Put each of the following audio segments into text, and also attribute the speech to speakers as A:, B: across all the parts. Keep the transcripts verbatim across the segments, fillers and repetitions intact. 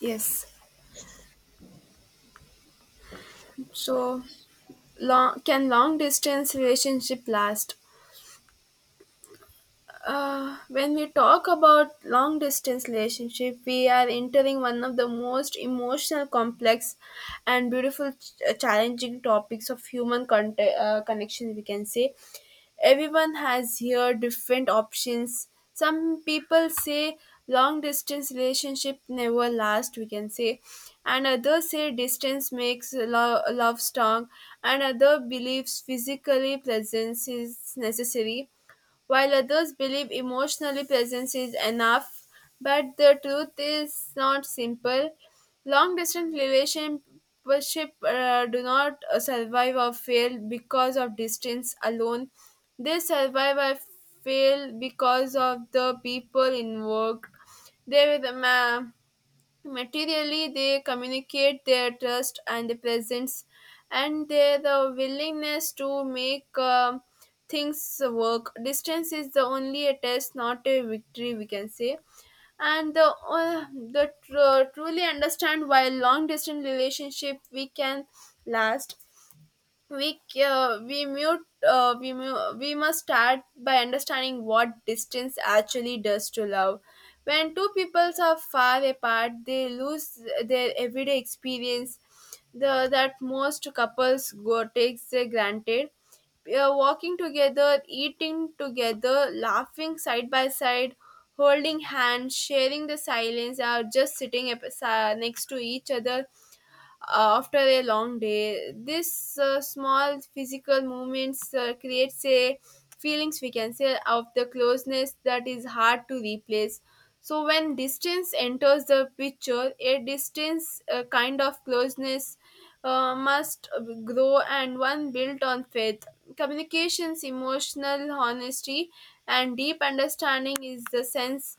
A: Yes. So long can long distance relationship last? Uh, when we talk about long distance relationship, we are entering one of the most emotional complex and beautiful ch- uh, challenging topics of human con- uh, connection, we can say. Everyone has here different options. Some people say long distance relationship never last, we can say, and others say distance makes lo- love strong, and other believes physically presence is necessary while others believe emotional presence is enough. But the truth is not simple. Long distance relationship uh, do not uh, survive or fail because of distance alone. They survive or fail because of the people involved. They were the ma- Materially, they communicate their trust and the presence and their the willingness to make um things work. Distance is the only a test, not a victory, we can say. And the, uh, the tr- truly understand why long distance relationship we can last, we uh, we mute uh, we mu- we must start by understanding what distance actually does to love. When two peoples are far apart, they lose their everyday experience, the that most couples go takes uh, granted. Uh, walking together, eating together, laughing side by side, holding hands, sharing the silence, or just sitting ap- sa- next to each other after a long day. This uh, small physical movements uh, creates a feelings, we can say, of the closeness that is hard to replace. So when distance enters the picture, a distance uh, kind of closeness uh, must grow and one built on faith. Communications, emotional honesty, and deep understanding is the sense.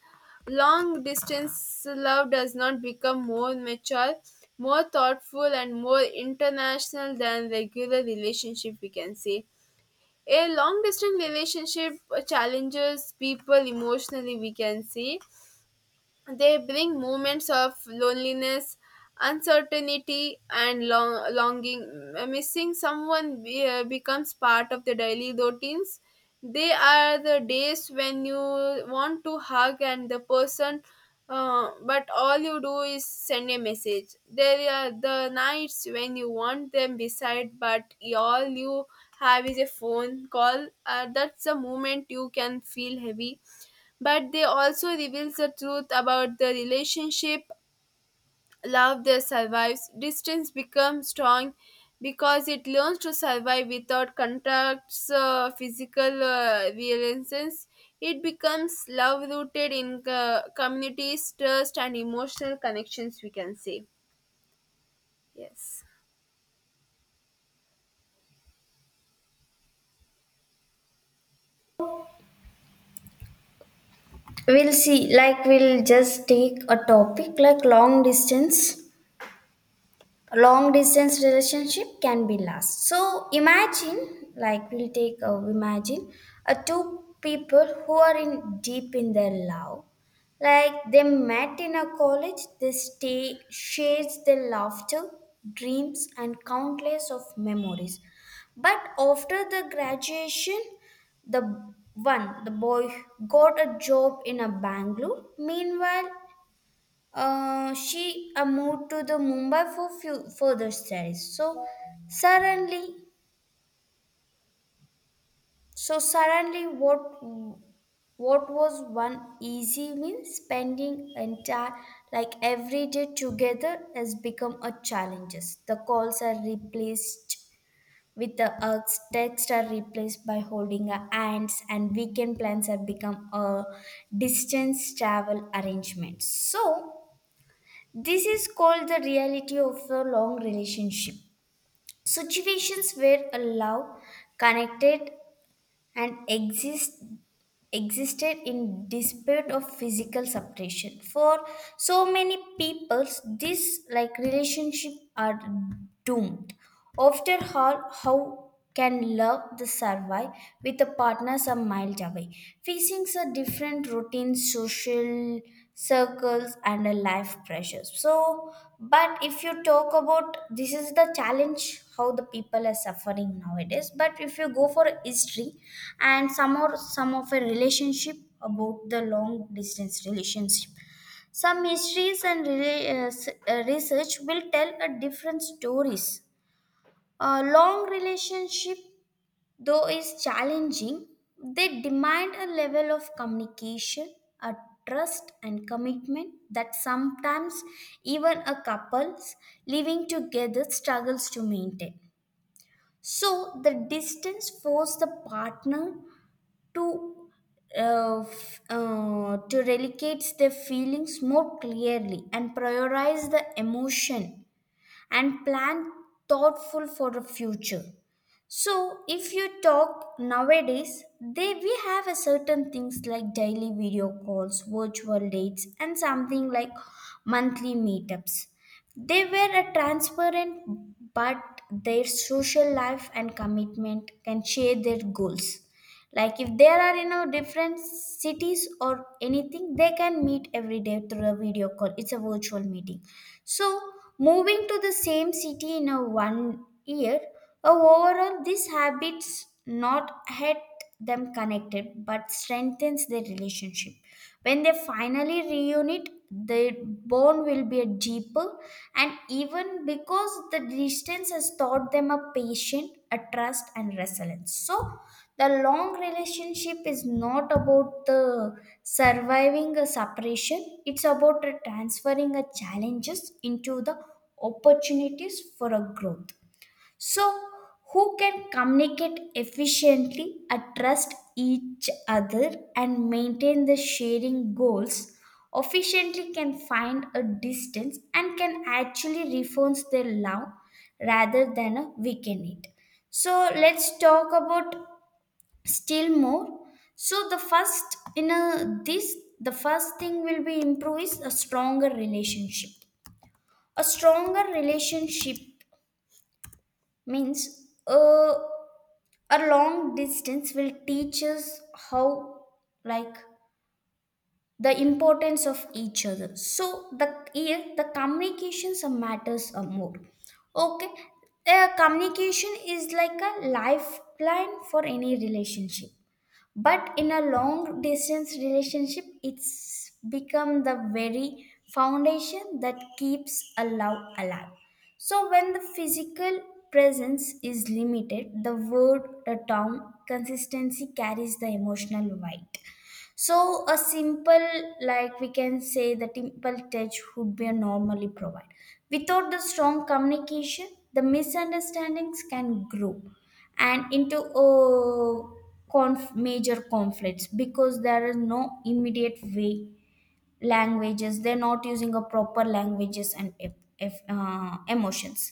A: Long distance love does not become more mature, more thoughtful, and more international than regular relationship, we can say. A long distance relationship challenges people emotionally, we can say. They bring moments of loneliness, uncertainty, and long- longing. Uh, Missing someone be- uh, becomes part of the daily routines. They are the days when you want to hug and the person, uh, but all you do is send a message. There are the nights when you want them beside, but all you have is a phone call. Uh, that's the moment you can feel heavy, but they also reveals the truth about the relationship. Love that survives distance becomes strong because it learns to survive without contacts, uh, physical uh, realizations. It becomes love rooted in uh, communities, trust, and emotional connections, we can say. Yes.
B: We'll see. Like, we'll just take a topic like long distance long distance relationship can be last. So imagine, like, we'll take uh, imagine uh, two people who are in deep in their love. Like, they met in a college, they stay shares their laughter, dreams and countless of memories. But after the graduation, the one the boy got a job in a bangalore, meanwhile uh, she uh, moved to the Mumbai for few, further studies. So suddenly, so suddenly, what what was one easy meal spending entire, like, every day together has become a challenges. The calls are replaced with the hugs, texts are replaced by holding our hands, and weekend plans have become a distance travel arrangement. So this is called the reality of a long relationship. Situations where a love connected and exist existed in despite of physical separation. For so many people, this, like, relationship are doomed. After all, how can love the survive with a partner some miles away, facing a different routine, social circles and a life pressures. So but if you talk about, this is the challenge how the people are suffering nowadays, but if you go for history and some or some of a relationship about the long distance relationship, some histories and rela- uh, s- uh, research will tell a different stories. A long relationship, though is challenging, they demand a level of communication, a trust and commitment that sometimes even a couples living together struggles to maintain. So the distance forces the partner to uh, f- uh, to relegate their feelings more clearly and prioritize the emotion and plan thoughtful for the future. So if you talk nowadays, they, we have a certain things like daily video calls, virtual dates and something like monthly meetups. They were a transparent, but their social life and commitment can share their goals. Like if there are, you know, different cities or anything, they can meet every day through a video call, it's a virtual meeting. So moving to the same city in a one year, uh, overall these habits not had them connected but strengthens their relationship. When they finally reunite, their bond will be a deeper and even, because the distance has taught them a patient, a trust and resilience. So the long relationship is not about the surviving a separation, it's about transferring the challenges into the opportunities for a growth. So who can communicate efficiently, uh, trust each other, and maintain the sharing goals efficiently can find a distance and can actually reforms their love rather than a weaken it. So let's talk about still more. So the first in a, this, the first thing will be improve is a stronger relationship. A stronger relationship means a a long distance will teach us how, like, the importance of each other. So the, here the communications are matters are more. Okay, uh, communication is like a lifeline for any relationship, but in a long distance relationship it's become the very foundation that keeps a love alive. So when the physical presence is limited, the word, the term consistency carries the emotional weight. So a simple, like we can say, the simple touch would be a normally provide. Without the strong communication, the misunderstandings can grow and into a conf- major conflicts, because there is no immediate way, languages, they're not using a proper languages, and if, if, uh, emotions,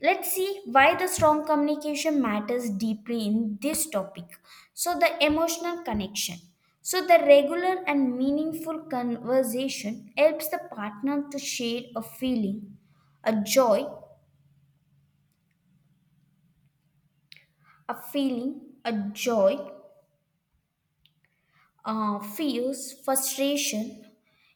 B: let's see why the strong communication matters deeply in this topic. So the emotional connection, so the regular and meaningful conversation helps the partner to share a feeling, a joy, a feeling a joy uh, fears, frustration.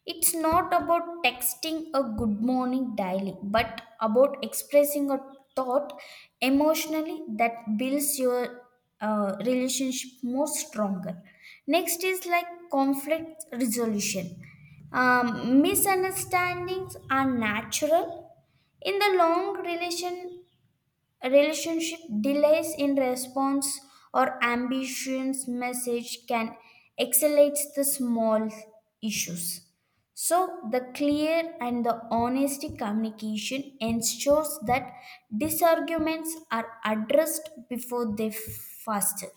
B: It's not about texting a good morning daily, but about expressing a thought emotionally that builds your uh, relationship more stronger. Next is like conflict resolution. Um, misunderstandings are natural in the long relation relationship. Delays in response or ambitions message can accelerate the small issues. So the clear and the honesty communication ensures that disarguments are addressed before they faster.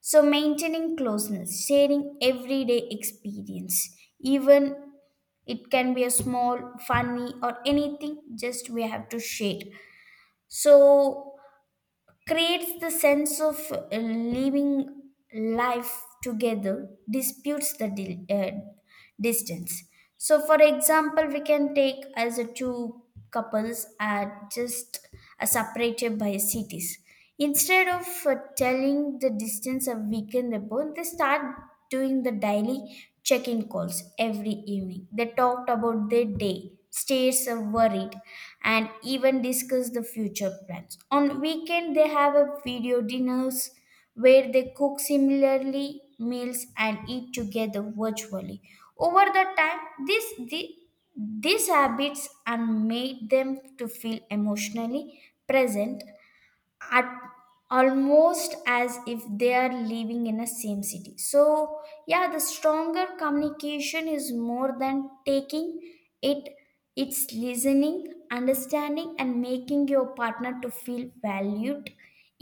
B: So maintaining closeness, sharing everyday experience, even it can be a small, funny or anything, just we have to share. So creates the sense of uh, living life together, disputes the di- uh, distance. So for example, we can take as a two couples are just uh, separated by cities. Instead of uh, telling the distance a weekend ago, they start doing the daily check-in calls every evening. They talked about their day, stays of worried, and even discuss the future plans. On weekend, they have a video dinners where they cook similarly meals and eat together virtually. Over the time, this, this these habits and made them to feel emotionally present at almost as if they are living in the same city. So yeah, the stronger communication is more than taking it, it's listening, understanding and making your partner to feel valued,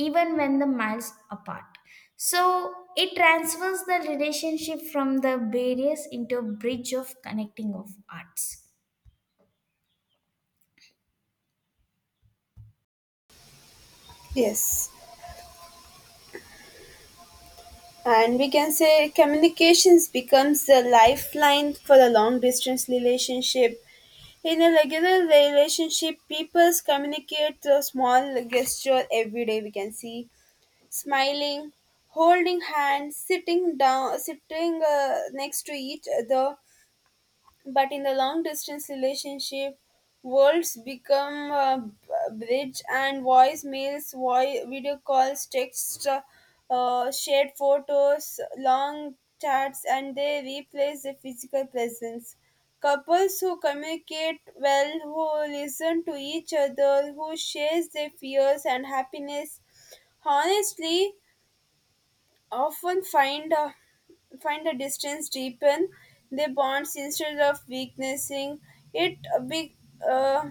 B: even when the miles apart. So it transfers the relationship from the barriers into a bridge of connecting of arts.
A: Yes, and we can say communications becomes the lifeline for a long distance relationship. In a regular relationship, people communicate through small gesture every day. We can see smiling, holding hands, sitting down, sitting uh, next to each other, but in the long distance relationship, worlds become a b- bridge, and voicemails, voice, video calls, texts, uh, uh, shared photos, long chats, and they replace the physical presence. Couples who communicate well, who listen to each other, who share their fears and happiness honestly often find uh, find the distance deepen their bonds instead of weakening it a big uh,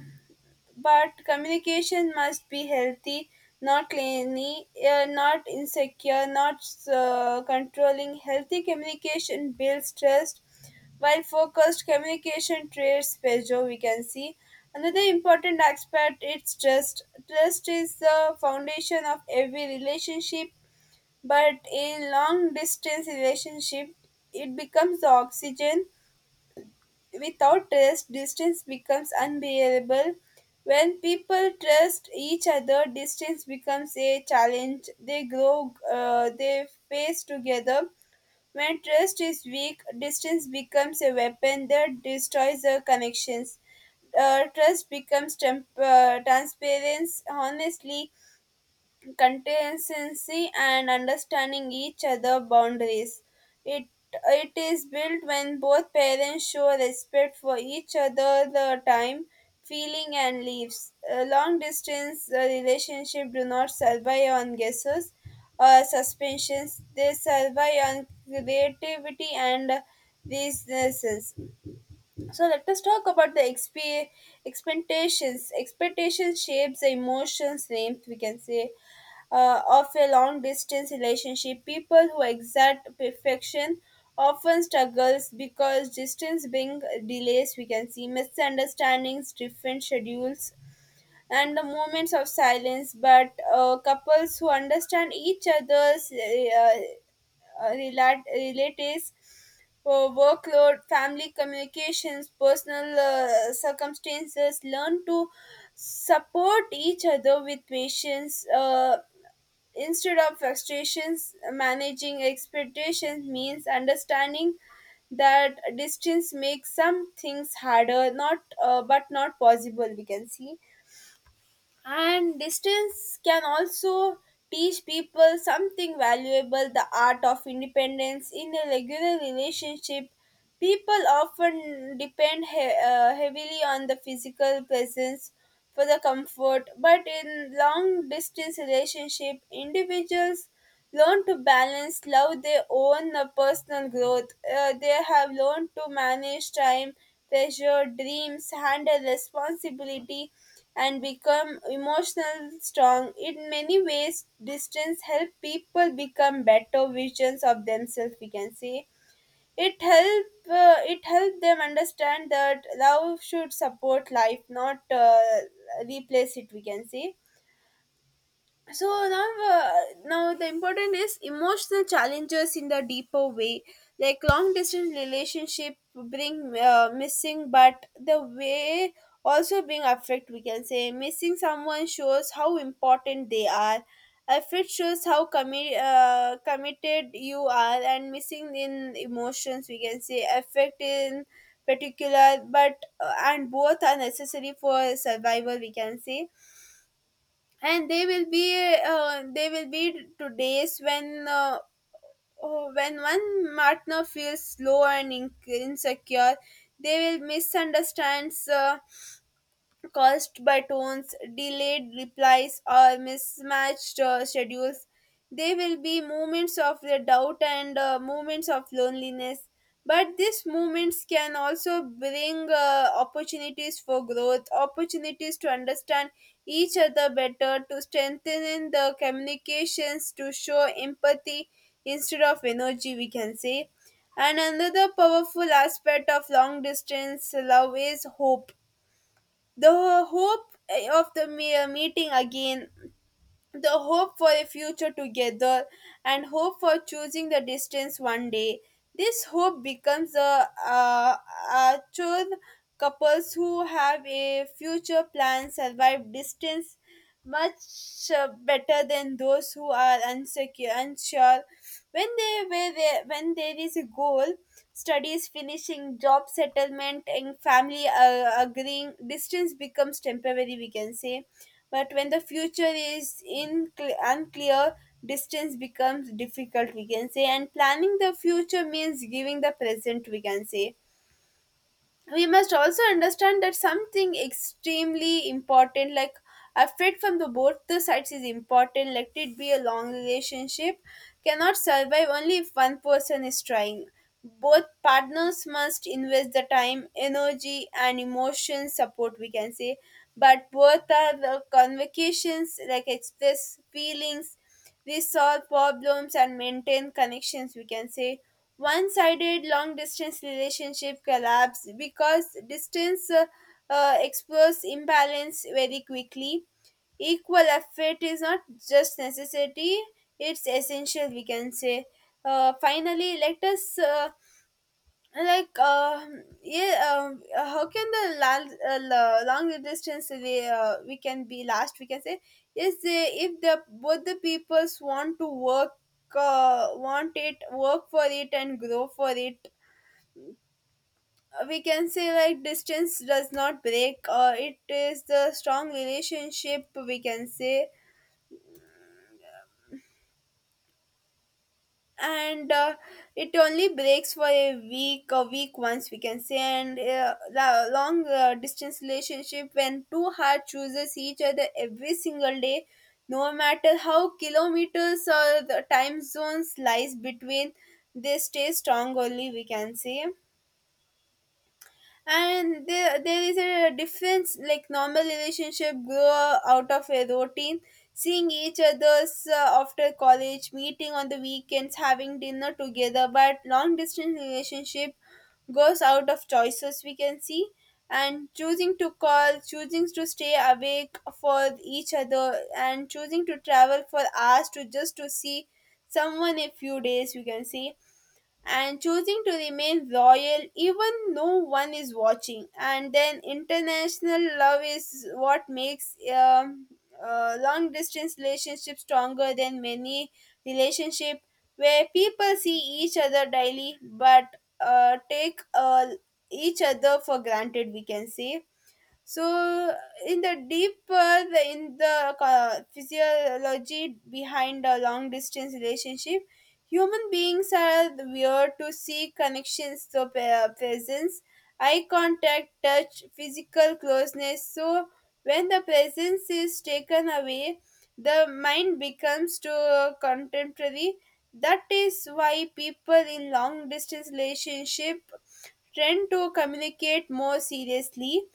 A: but communication must be healthy, not clingy, uh, not insecure, not uh, controlling. Healthy communication builds trust while focused communication traits Peugeot, we can see. Another important aspect, it's trust. Trust is the foundation of every relationship. But in long distance relationship, it becomes the oxygen. Without trust, distance becomes unbearable. When people trust each other, distance becomes a challenge. They grow, uh, they face together. When trust is weak, distance becomes a weapon that destroys the connections. Uh, trust becomes temp- uh, transparency. Honestly, consistency and understanding each other boundaries. It it is built when both parents show respect for each other, the time, feeling, and leaves. A long distance uh, relationship do not survive on guesses or suspensions. They survive on creativity and reasons. So let us talk about the exp- expectations. Expectations shapes the emotions, names, we can say, uh, of a long distance relationship. People who exact perfection often struggles because distance brings delays. We can see misunderstandings, different schedules, and the moments of silence. But uh, couples who understand each other's uh, uh, relat- relatives, uh, workload, family communications, personal uh, circumstances, learn to support each other with patience. Uh, instead of frustrations, managing expectations means understanding that distance makes some things harder, not uh, but not possible, we can see. And distance can also teach people something valuable, the art of independence. In a regular relationship, people often depend he- uh, heavily on the physical presence for the comfort, but in long distance relationship, individuals learn to balance love their own uh, personal growth. Uh, they have learned to manage time, pressure, dreams, handle responsibility, and become emotional strong. In many ways, distance help people become better visions of themselves, we can say. It help uh, it help them understand that love should support life, not uh, replace it, we can say. So now uh, now the important is emotional challenges in the deeper way. Like long distance relationship bring uh, missing, but the way also being affect, we can say. Missing someone shows how important they are. Affect shows how commi- uh, committed you are, and missing in emotions, we can say, affect in particular, but uh, and both are necessary for survival, we can say. And they will be uh, they will be to days when uh, oh, when one partner feels low and in- insecure. They will misunderstands, uh, caused by tones, delayed replies, or mismatched uh, schedules. There will be moments of the doubt and uh, moments of loneliness. But these moments can also bring uh, opportunities for growth, opportunities to understand each other better, to strengthen in the communications, to show empathy instead of energy, we can say. And another powerful aspect of long distance love is hope, the hope eh, of the me- uh, meeting again, the hope for a future together, and hope for choosing the distance one day. This hope becomes the uh, uh, chose. Couples who have a future plan survive distance much uh, better than those who are unsecure, unsure. When they were there, when there is a goal, studies finishing, job settlement, and family uh, agreeing, distance becomes temporary, we can say. But when the future is in unclear, distance becomes difficult, we can say, and planning the future means giving the present, we can say. We must also understand that something extremely important, like a fit from the both the sides is important. Let it be a long relationship cannot survive only if one person is trying. Both partners must invest the time, energy, and emotion support, we can say. But both are the convocations, like express feelings, we solve problems, and maintain connections, we can say. One sided long distance relationship collapse because distance uh, uh, explores imbalance very quickly. Equal effort is not just necessity, it's essential, we can say. Uh, finally, let us uh, like um yeah um how can the lal- uh, la- long distance we, uh, we can be last, we can say, is the, if the both the peoples want to work, uh, want it work for it and grow for it, uh, we can say, like distance does not break uh, it is the strong relationship, we can say. And uh, it only breaks for a week a week once, we can say. And uh, the long uh, distance relationship, when two hearts chooses each other every single day, no matter how kilometers or the time zones lies between, they stay strong only, we can say. And there, there is a difference, like normal relationship grow out of a routine, seeing each other's uh, after college, meeting on the weekends, having dinner together, but long distance relationship goes out of choices, we can see. And choosing to call, choosing to stay awake for each other, and choosing to travel for hours to just to see someone a few days, we can see. And choosing to remain loyal even no one is watching, and then international love is what makes um, uh, long distance relationships stronger than many relationship where people see each other daily but uh, take uh, each other for granted, we can say. So in the deep uh, the, in the uh, physiology behind a long distance relationship, human beings are weird to see connections, so uh, presence, eye contact, touch, physical closeness. So when the presence is taken away, the mind becomes to uh, contemporary. That is why people in long distance relationship tend to communicate more seriously.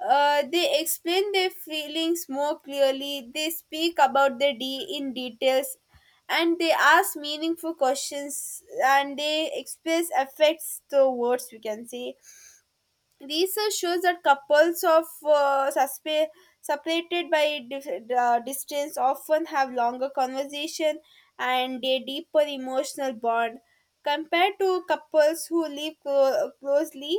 A: uh, They explain their feelings more clearly, they speak about the D in details, and they ask meaningful questions, and they express affects through words, we can say. Research shows that couples of uh, suspe- separated by dif- uh, distance often have longer conversation and a deeper emotional bond compared to couples who live clo- closely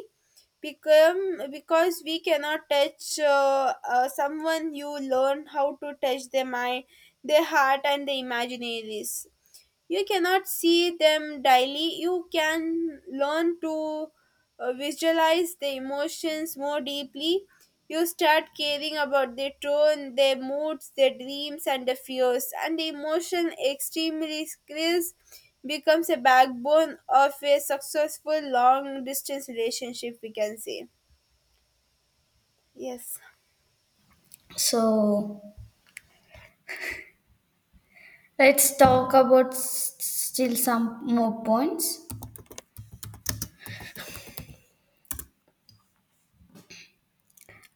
A: become because we cannot touch uh, uh, someone. You learn how to touch their mind, their heart, and their imaginaries. You cannot see them daily, you can learn to uh, visualize the emotions more deeply. You start caring about their tone, their moods, their dreams, and their fears, and the emotion extremely skills becomes a backbone of a successful long distance relationship, we can say. Yes.
B: So let's talk about s- still some more points.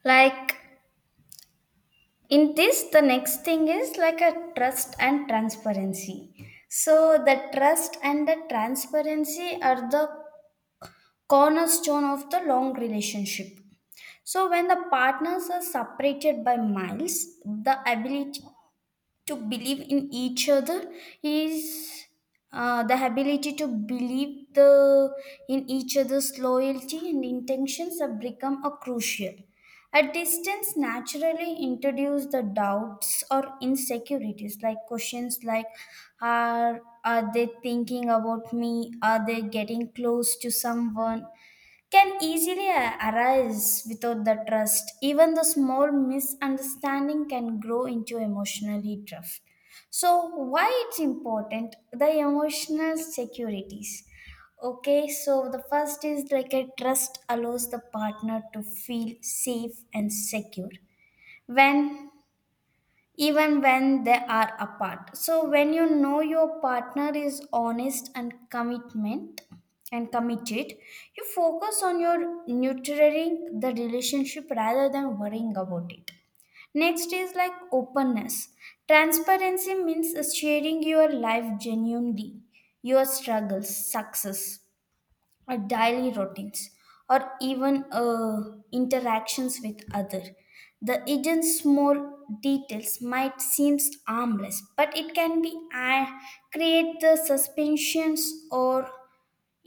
B: Like in this, the next thing is like a trust and transparency. So the trust and the transparency are the cornerstone of the long relationship. So when the partners are separated by miles, the ability to believe in each other is, uh, the ability to believe the in each other's loyalty and intentions have become a crucial. A distance naturally introduces the doubts or insecurities, like questions like, are are they thinking about me, are they getting close to someone, can easily a- arise without the trust. Even the small misunderstanding can grow into emotional drift. So why it's important? The emotional securities. Okay, so the first is like a trust allows the partner to feel safe and secure, when even when they are apart. So when you know your partner is honest and commitment and committed, you focus on your nurturing the relationship rather than worrying about it. Next is like openness. Transparency means sharing your life genuinely, your struggles, success, our daily routines or even uh, interactions with other. The hidden small details might seem harmless, but it can be uh, create the suspensions or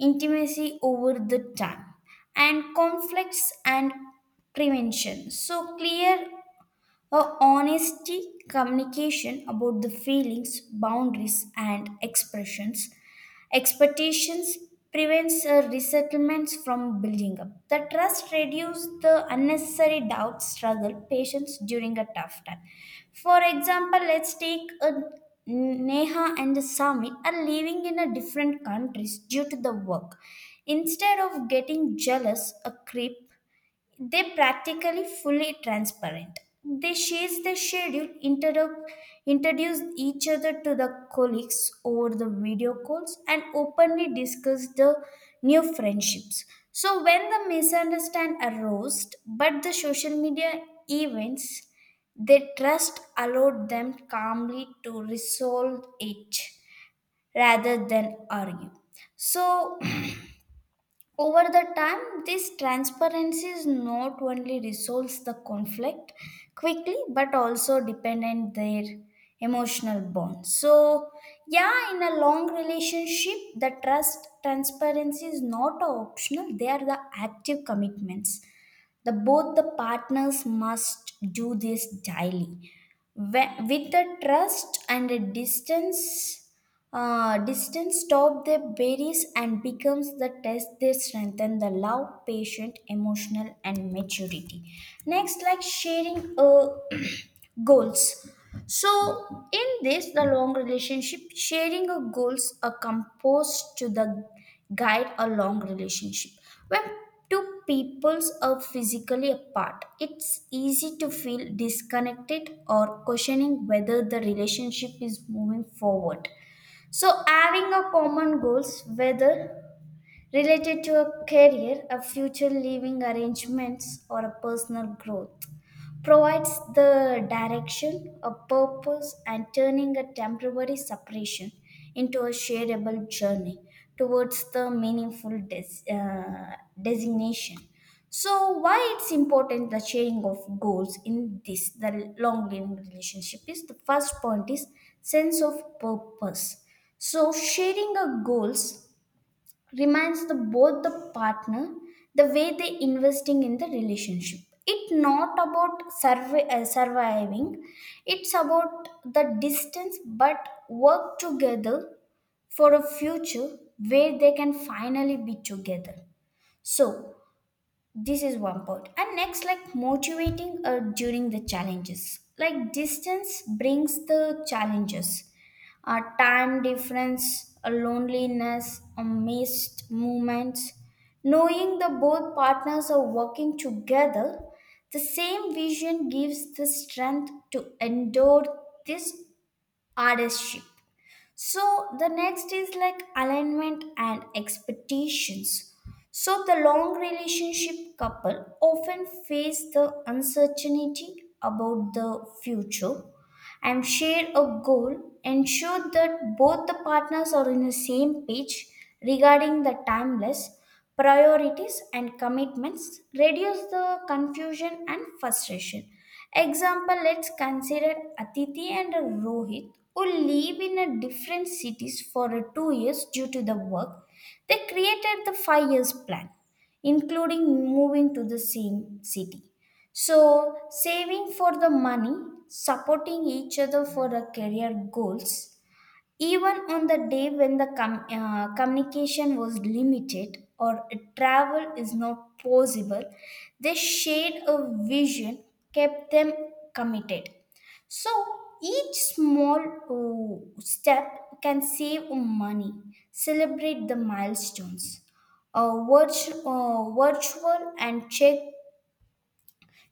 B: intimacy over the time and conflicts and prevention. So clear a honesty communication about the feelings, boundaries, and expressions, expectations prevents uh, resettlements from building up. The trust reduces the unnecessary doubt, struggle, patience during a tough time. For example, let's take a Neha and Samir are living in a different countries due to the work. Instead of getting jealous, a creep, they practically fully transparent. They share the schedule, inter- introduce each other to the colleagues over the video calls, and openly discuss the new friendships. So when the misunderstand arose, but the social media events, their trust allowed them calmly to resolve it rather than argue. So over the time, this transparency is not only resolves the conflict quickly but also dependent their emotional bond. So yeah, in a long relationship, the trust transparency is not a optional; they are the active commitments. The both the partners must do this daily. Wh- with the trust and the distance uh, distance stop their berries and becomes the test, they strengthen the love, patient, emotional and maturity. Next, like sharing uh, goals. So in this, the long relationship sharing of goals are composed to the guide a long relationship. When two two peoples are physically apart, it's easy to feel disconnected or questioning whether the relationship is moving forward. So having a common goals, whether related to a career, a future living arrangements, or a personal growth. Provides the direction, a purpose, and turning a temporary separation into a shareable journey towards the meaningful des- uh, designation. So why it's important, the sharing of goals in this, the long living relationship is, the first point is sense of purpose. So sharing our goals reminds the both the partner the way they investing in the relationship, it not about survi- uh, surviving, it's about the distance but work together for a future where they can finally be together. So this is one part. And next, like motivating uh, during the challenges. Like distance brings the challenges. Uh, time difference, uh, loneliness, uh, missed moments. Knowing the both partners are working together, the same vision gives the strength to endure this hardship. So the next is like alignment and expectations. So the long relationship couple often face the uncertainty about the future, and share a goal, ensure that both the partners are on the same page regarding the timeless priorities and commitments, reduce the confusion and frustration. Example, let's consider Atiti and Rohit who live in a different cities for a two years due to the work. They created the five years plan, including moving to the same city. So saving for the money, supporting each other for our career goals, even on the day when the com- uh, communication was limited or travel is not possible, they shared a vision, kept them committed. So, each small uh, step can save money, celebrate the milestones uh, virtu- uh, virtual and check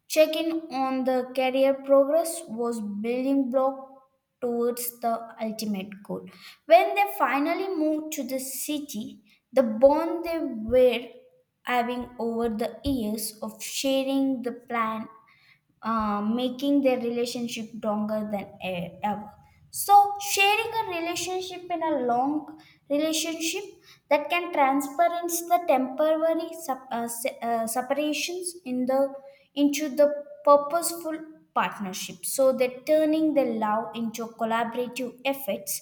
B: Check in on the career progress was building block towards the ultimate goal. When they finally moved to the city, the bond they were having over the years of sharing the plan, uh, making their relationship longer than e- ever. So, sharing a relationship in a long relationship that can transparent the temporary sup- uh, se- uh, separations in the into the purposeful partnership. So they're turning their love into collaborative efforts,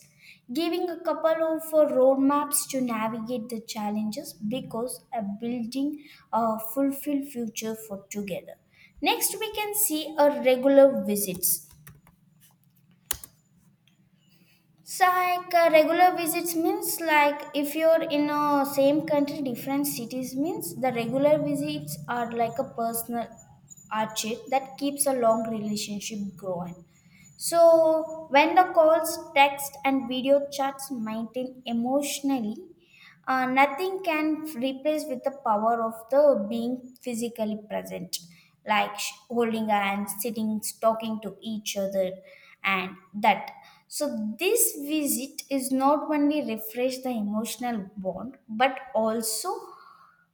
B: giving a couple of uh, roadmaps to navigate the challenges because a building a fulfilled future for together. Next, we can see a regular visits. So, like uh, regular visits means like if you're in a same country, different cities means the regular visits are like a personal archet that keeps a long relationship growing. So, when the calls, text, and video chats maintain emotionally, uh, nothing can replace with the power of the being physically present, like sh- holding hands, sitting, talking to each other, and that. So, this visit is not only refresh the emotional bond, but also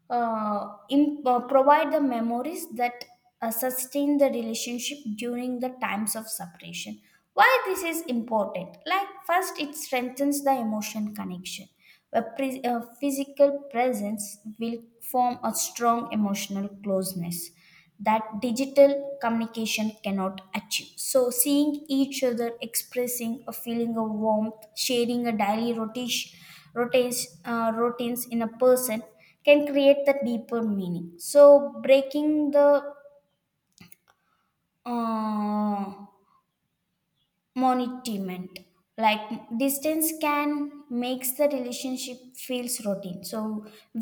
B: uh, im- uh, provide the memories that uh, sustain the relationship during the times of separation. Why this is important, like first it strengthens the emotion connection. A, pre- a physical presence will form a strong emotional closeness that digital communication cannot achieve. So, seeing each other, expressing a feeling of warmth, sharing a daily rotation, routines, uh, routines in a person can create the deeper meaning. So, breaking the uh, monitoring like distance can makes the relationship feels routine so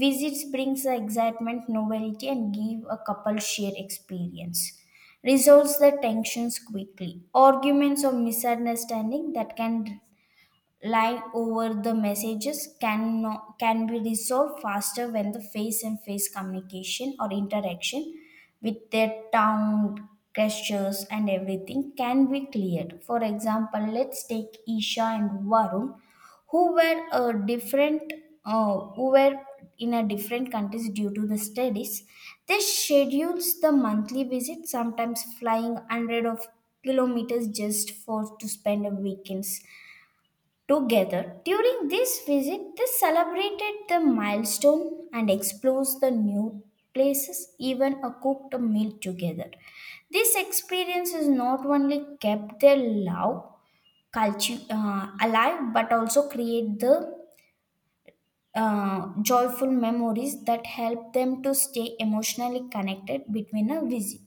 B: visits brings the excitement novelty and give a couple shared experience resolves the tensions quickly arguments or misunderstanding that can Line over the messages can, no- can be resolved faster when the face and face communication or interaction with their tongue gestures and everything can be cleared. For example, let's take Isha and Varun who were a different, uh, who were in a different countries due to the studies. They schedules the monthly visit, sometimes flying one hundred of kilometers just for to spend a weekends together. During this visit, they celebrated the milestone and explored the new places, even a cooked meal together. This experience has not only kept their love culture uh, alive but also create the uh, joyful memories that help them to stay emotionally connected between a visit.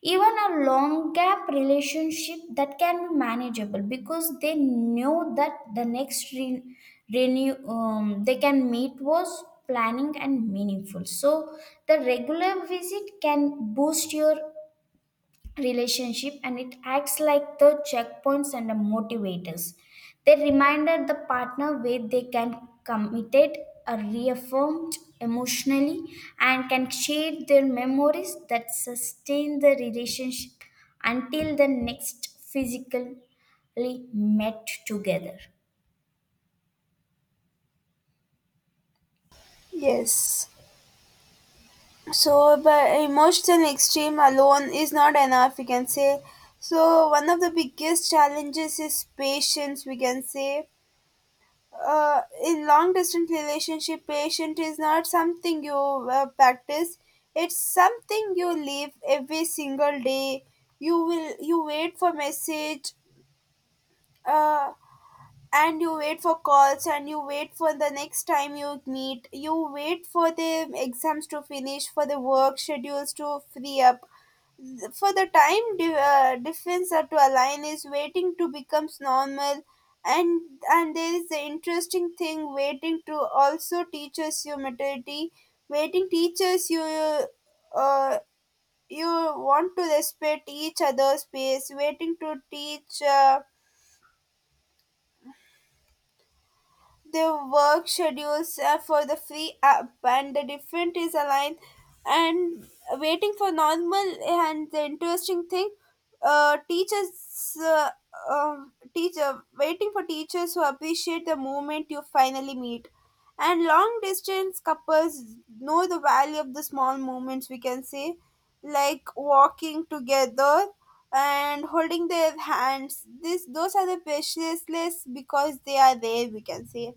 B: Even a long gap relationship that can be manageable because they know that the next re- renew um, they can meet was planning and meaningful. So the regular visit can boost your relationship and it acts like the checkpoints and the motivators. They reminded the partner where they can committed or reaffirmed emotionally and can share their memories that sustain the relationship until the next physically met together.
A: Yes. So but emotional extreme alone is not enough, we can say. So one of the biggest challenges is patience, we can say. Uh, in long distance relationship, patient is not something you uh, practice, it's something you live every single day. You will you wait for message, uh, and you wait for calls, and you wait for the next time you meet, you wait for the exams to finish, for the work schedules to free up, for the time de- uh, defense are to align, is waiting to becomes normal. And and there is the interesting thing, waiting to also teaches you maturity. Waiting teaches you, uh, you want to respect each other's space. Waiting to teach uh, their work schedules are for the free app and the different is aligned, and waiting for normal, and the interesting thing uh, teachers uh, um teacher waiting for teachers who appreciate the moment you finally meet. And long distance couples know the value of the small moments, we can say, like walking together and holding their hands, this those are the priceless because they are there, we can say.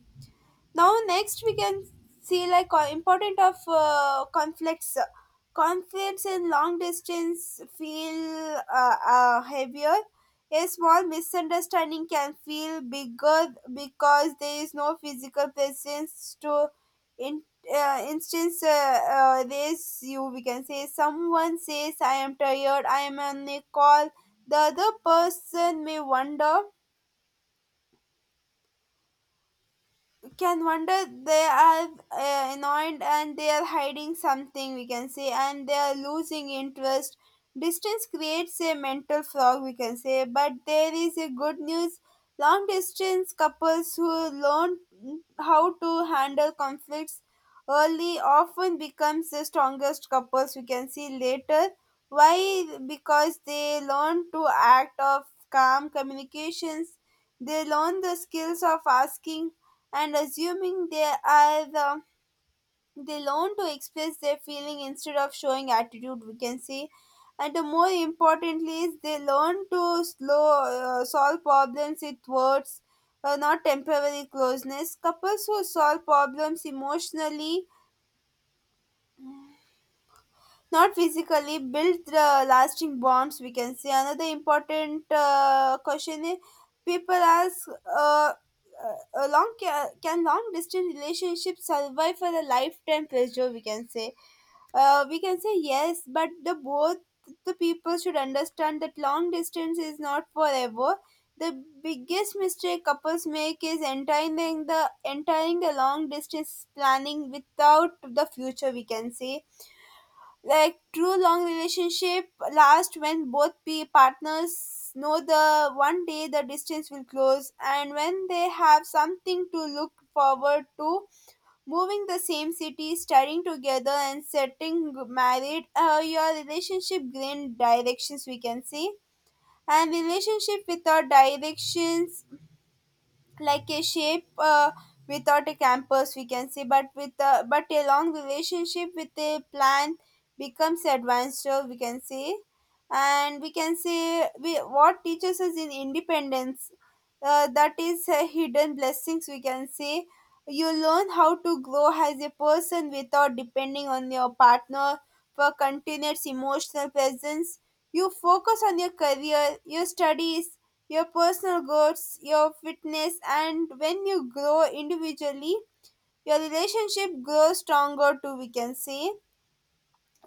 A: Now next we can see like uh, important of uh, conflicts. Conflicts in long distance feel uh, uh, heavier. A small misunderstanding can feel bigger because there is no physical presence to in uh, instance uh, uh, this, you we can say someone says I am tired, I am on a call. The other person may wonder can wonder they are uh, annoyed, and they are hiding something, we can say, and they are losing interest. Distance creates a mental fog, we can say, but there is a good news. Long distance couples who learn how to handle conflicts early often becomes the strongest couples, we can see later. Why? Because they learn to act of calm communications, they learn the skills of asking and assuming they are the, they learn to express their feeling instead of showing attitude, we can say. And the more importantly is they learn to slow uh, solve problems with words, uh, not temporary closeness. Couples who solve problems emotionally, not physically, build the lasting bonds, we can say. Another important uh, question is people ask, uh, uh, a long ca- can long distance relationships survive for a lifetime pleasure, we can say? Uh, we can say yes, but the both the people should understand that long distance is not forever. The biggest mistake couples make is entering the entering the long distance planning without the future, we can say. Like true long relationship last when both pe- partners know the one day the distance will close, and when they have something to look forward to: moving the same city, studying together, and setting married, uh, your relationship gain directions, we can see. And relationship without directions, like a shape uh, without a campus, we can say, but with a but a long relationship with a plan becomes advanced, uh, we can say. And we can say we what teaches us in independence, uh, that is uh, hidden blessings, we can say. You learn how to grow as a person without depending on your partner for continuous emotional presence. You focus on your career, your studies, your personal goals, your fitness, and when you grow individually, your relationship grows stronger too, we can say.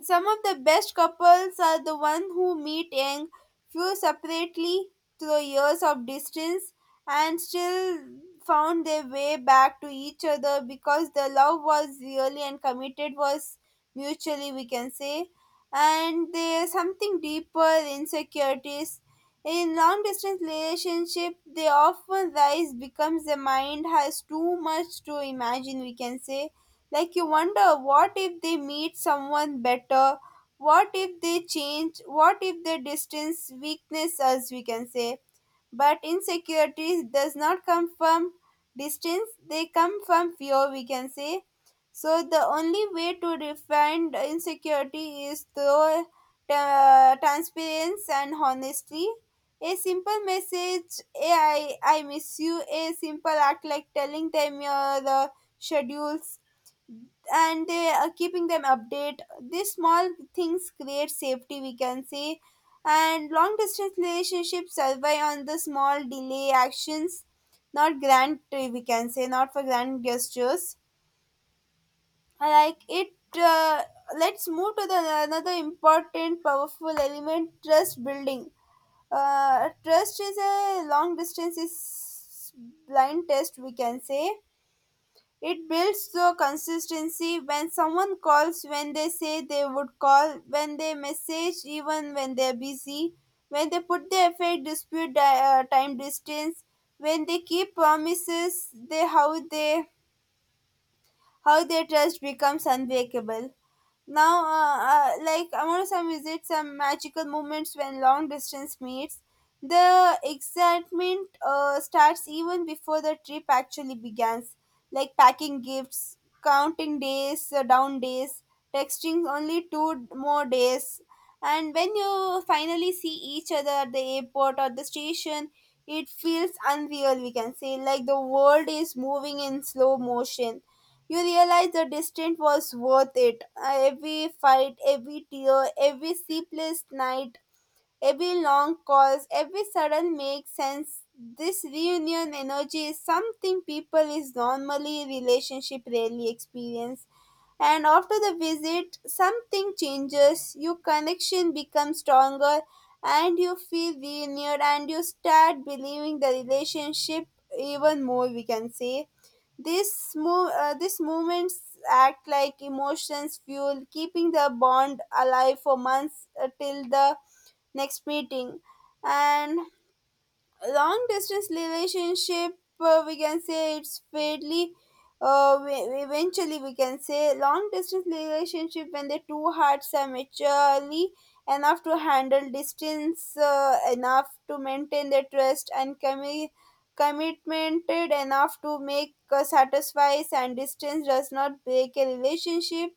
A: Some of the best couples are the ones who meet young, few separately through years of distance, and still found their way back to each other because the love was really and committed was mutually, we can say. And there's something deeper insecurities. In long distance relationship, they often rise becomes the mind has too much to imagine, we can say, like you wonder, what if they meet someone better? What if they change? What if their distance weakness us, we can say? But insecurity does not come from distance, they come from fear, we can say. So the only way to define the insecurity is through uh, transparency and honesty. A simple message, "Hey, I I miss you." A simple act like telling them your uh, schedules, and they are keeping them update, these small things create safety, we can say. And long distance relationships survive on the small delay actions, not grand, uh, we can say, not for grand gestures. I like it. Uh, let's move to the another important powerful element, trust building. Uh, trust is a long distance is blind test, we can say. It builds the consistency when someone calls, when they say they would call, when they message even when they're busy, when they put their effort, dispute di- uh, time distance, when they keep promises, they how they how their trust becomes unbreakable. Now, uh, uh, like Amorosam visits some magical moments. When long distance meets, the excitement uh, starts even before the trip actually begins, like packing gifts, counting days, uh, down days, texting only two more days. And when you finally see each other at the airport or the station, it feels unreal, we can say. Like the world is moving in slow motion, you realize the distance was worth it. Uh, Every fight, every tear, every sleepless night, every long call, every sudden makes sense. This reunion energy is something people is normally relationship rarely experience. And after the visit, something changes. Your connection becomes stronger, and you feel renewed, and you start believing the relationship even more. We can say this move, uh, these movements act like emotions fuel, keeping the bond alive for months uh, till the next meeting. And long distance relationship, uh, we can say it's fairly uh, we- we- eventually, we can say, long distance relationship when the two hearts are maturely enough to handle distance, uh, enough to maintain their trust and commi- commitmented enough to make uh, satisfies. And distance does not break a relationship,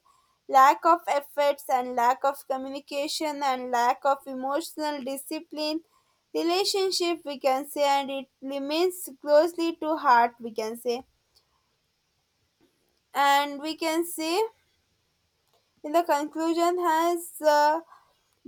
A: lack of efforts and lack of communication and lack of emotional discipline relationship, we can say, and it remains closely to heart, we can say. And we can say in the conclusion has, uh,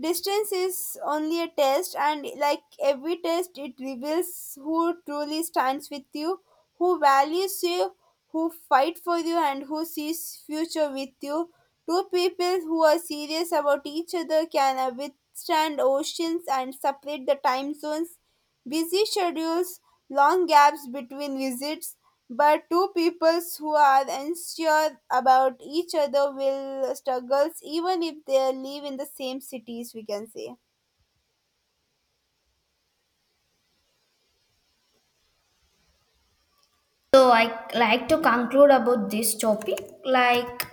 A: distance is only a test, and like every test, it reveals who truly stands with you, who values you, who fight for you, and who sees future with you. Two people who are serious about each other can uh, withstand oceans and separate the time zones, busy schedules, long gaps between visits, but two peoples who are unsure about each other will struggle even if they live in the same cities, we can say.
B: So I like to conclude about this topic, like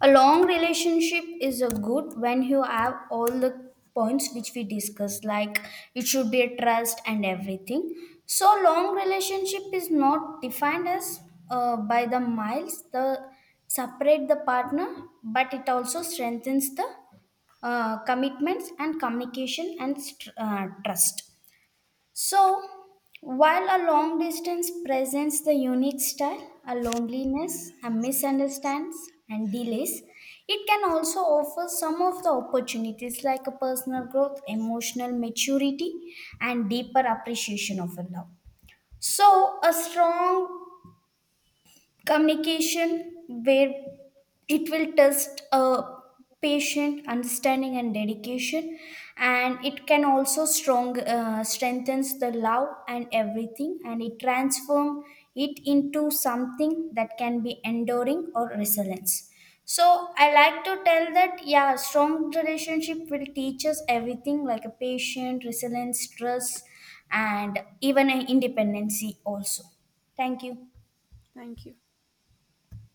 B: a long relationship is a good when you have all the points which we discussed, like it should be a trust and everything. So long relationship is not defined as uh, by the miles, the separate the partner, but it also strengthens the uh, commitments and communication and str- uh, trust. So, while a long distance presents the unique style, a loneliness, a misunderstands, and delays, it can also offer some of the opportunities like a personal growth, emotional maturity, and deeper appreciation of a love. So, a strong communication where it will test a patient understanding and dedication and it can also strong uh, strengthens the love and everything and it transform it into something that can be enduring or resilience. So I like to tell that yeah, strong relationship will teach us everything like a patient, resilience, trust, and even an independency also. Thank you.
A: Thank you.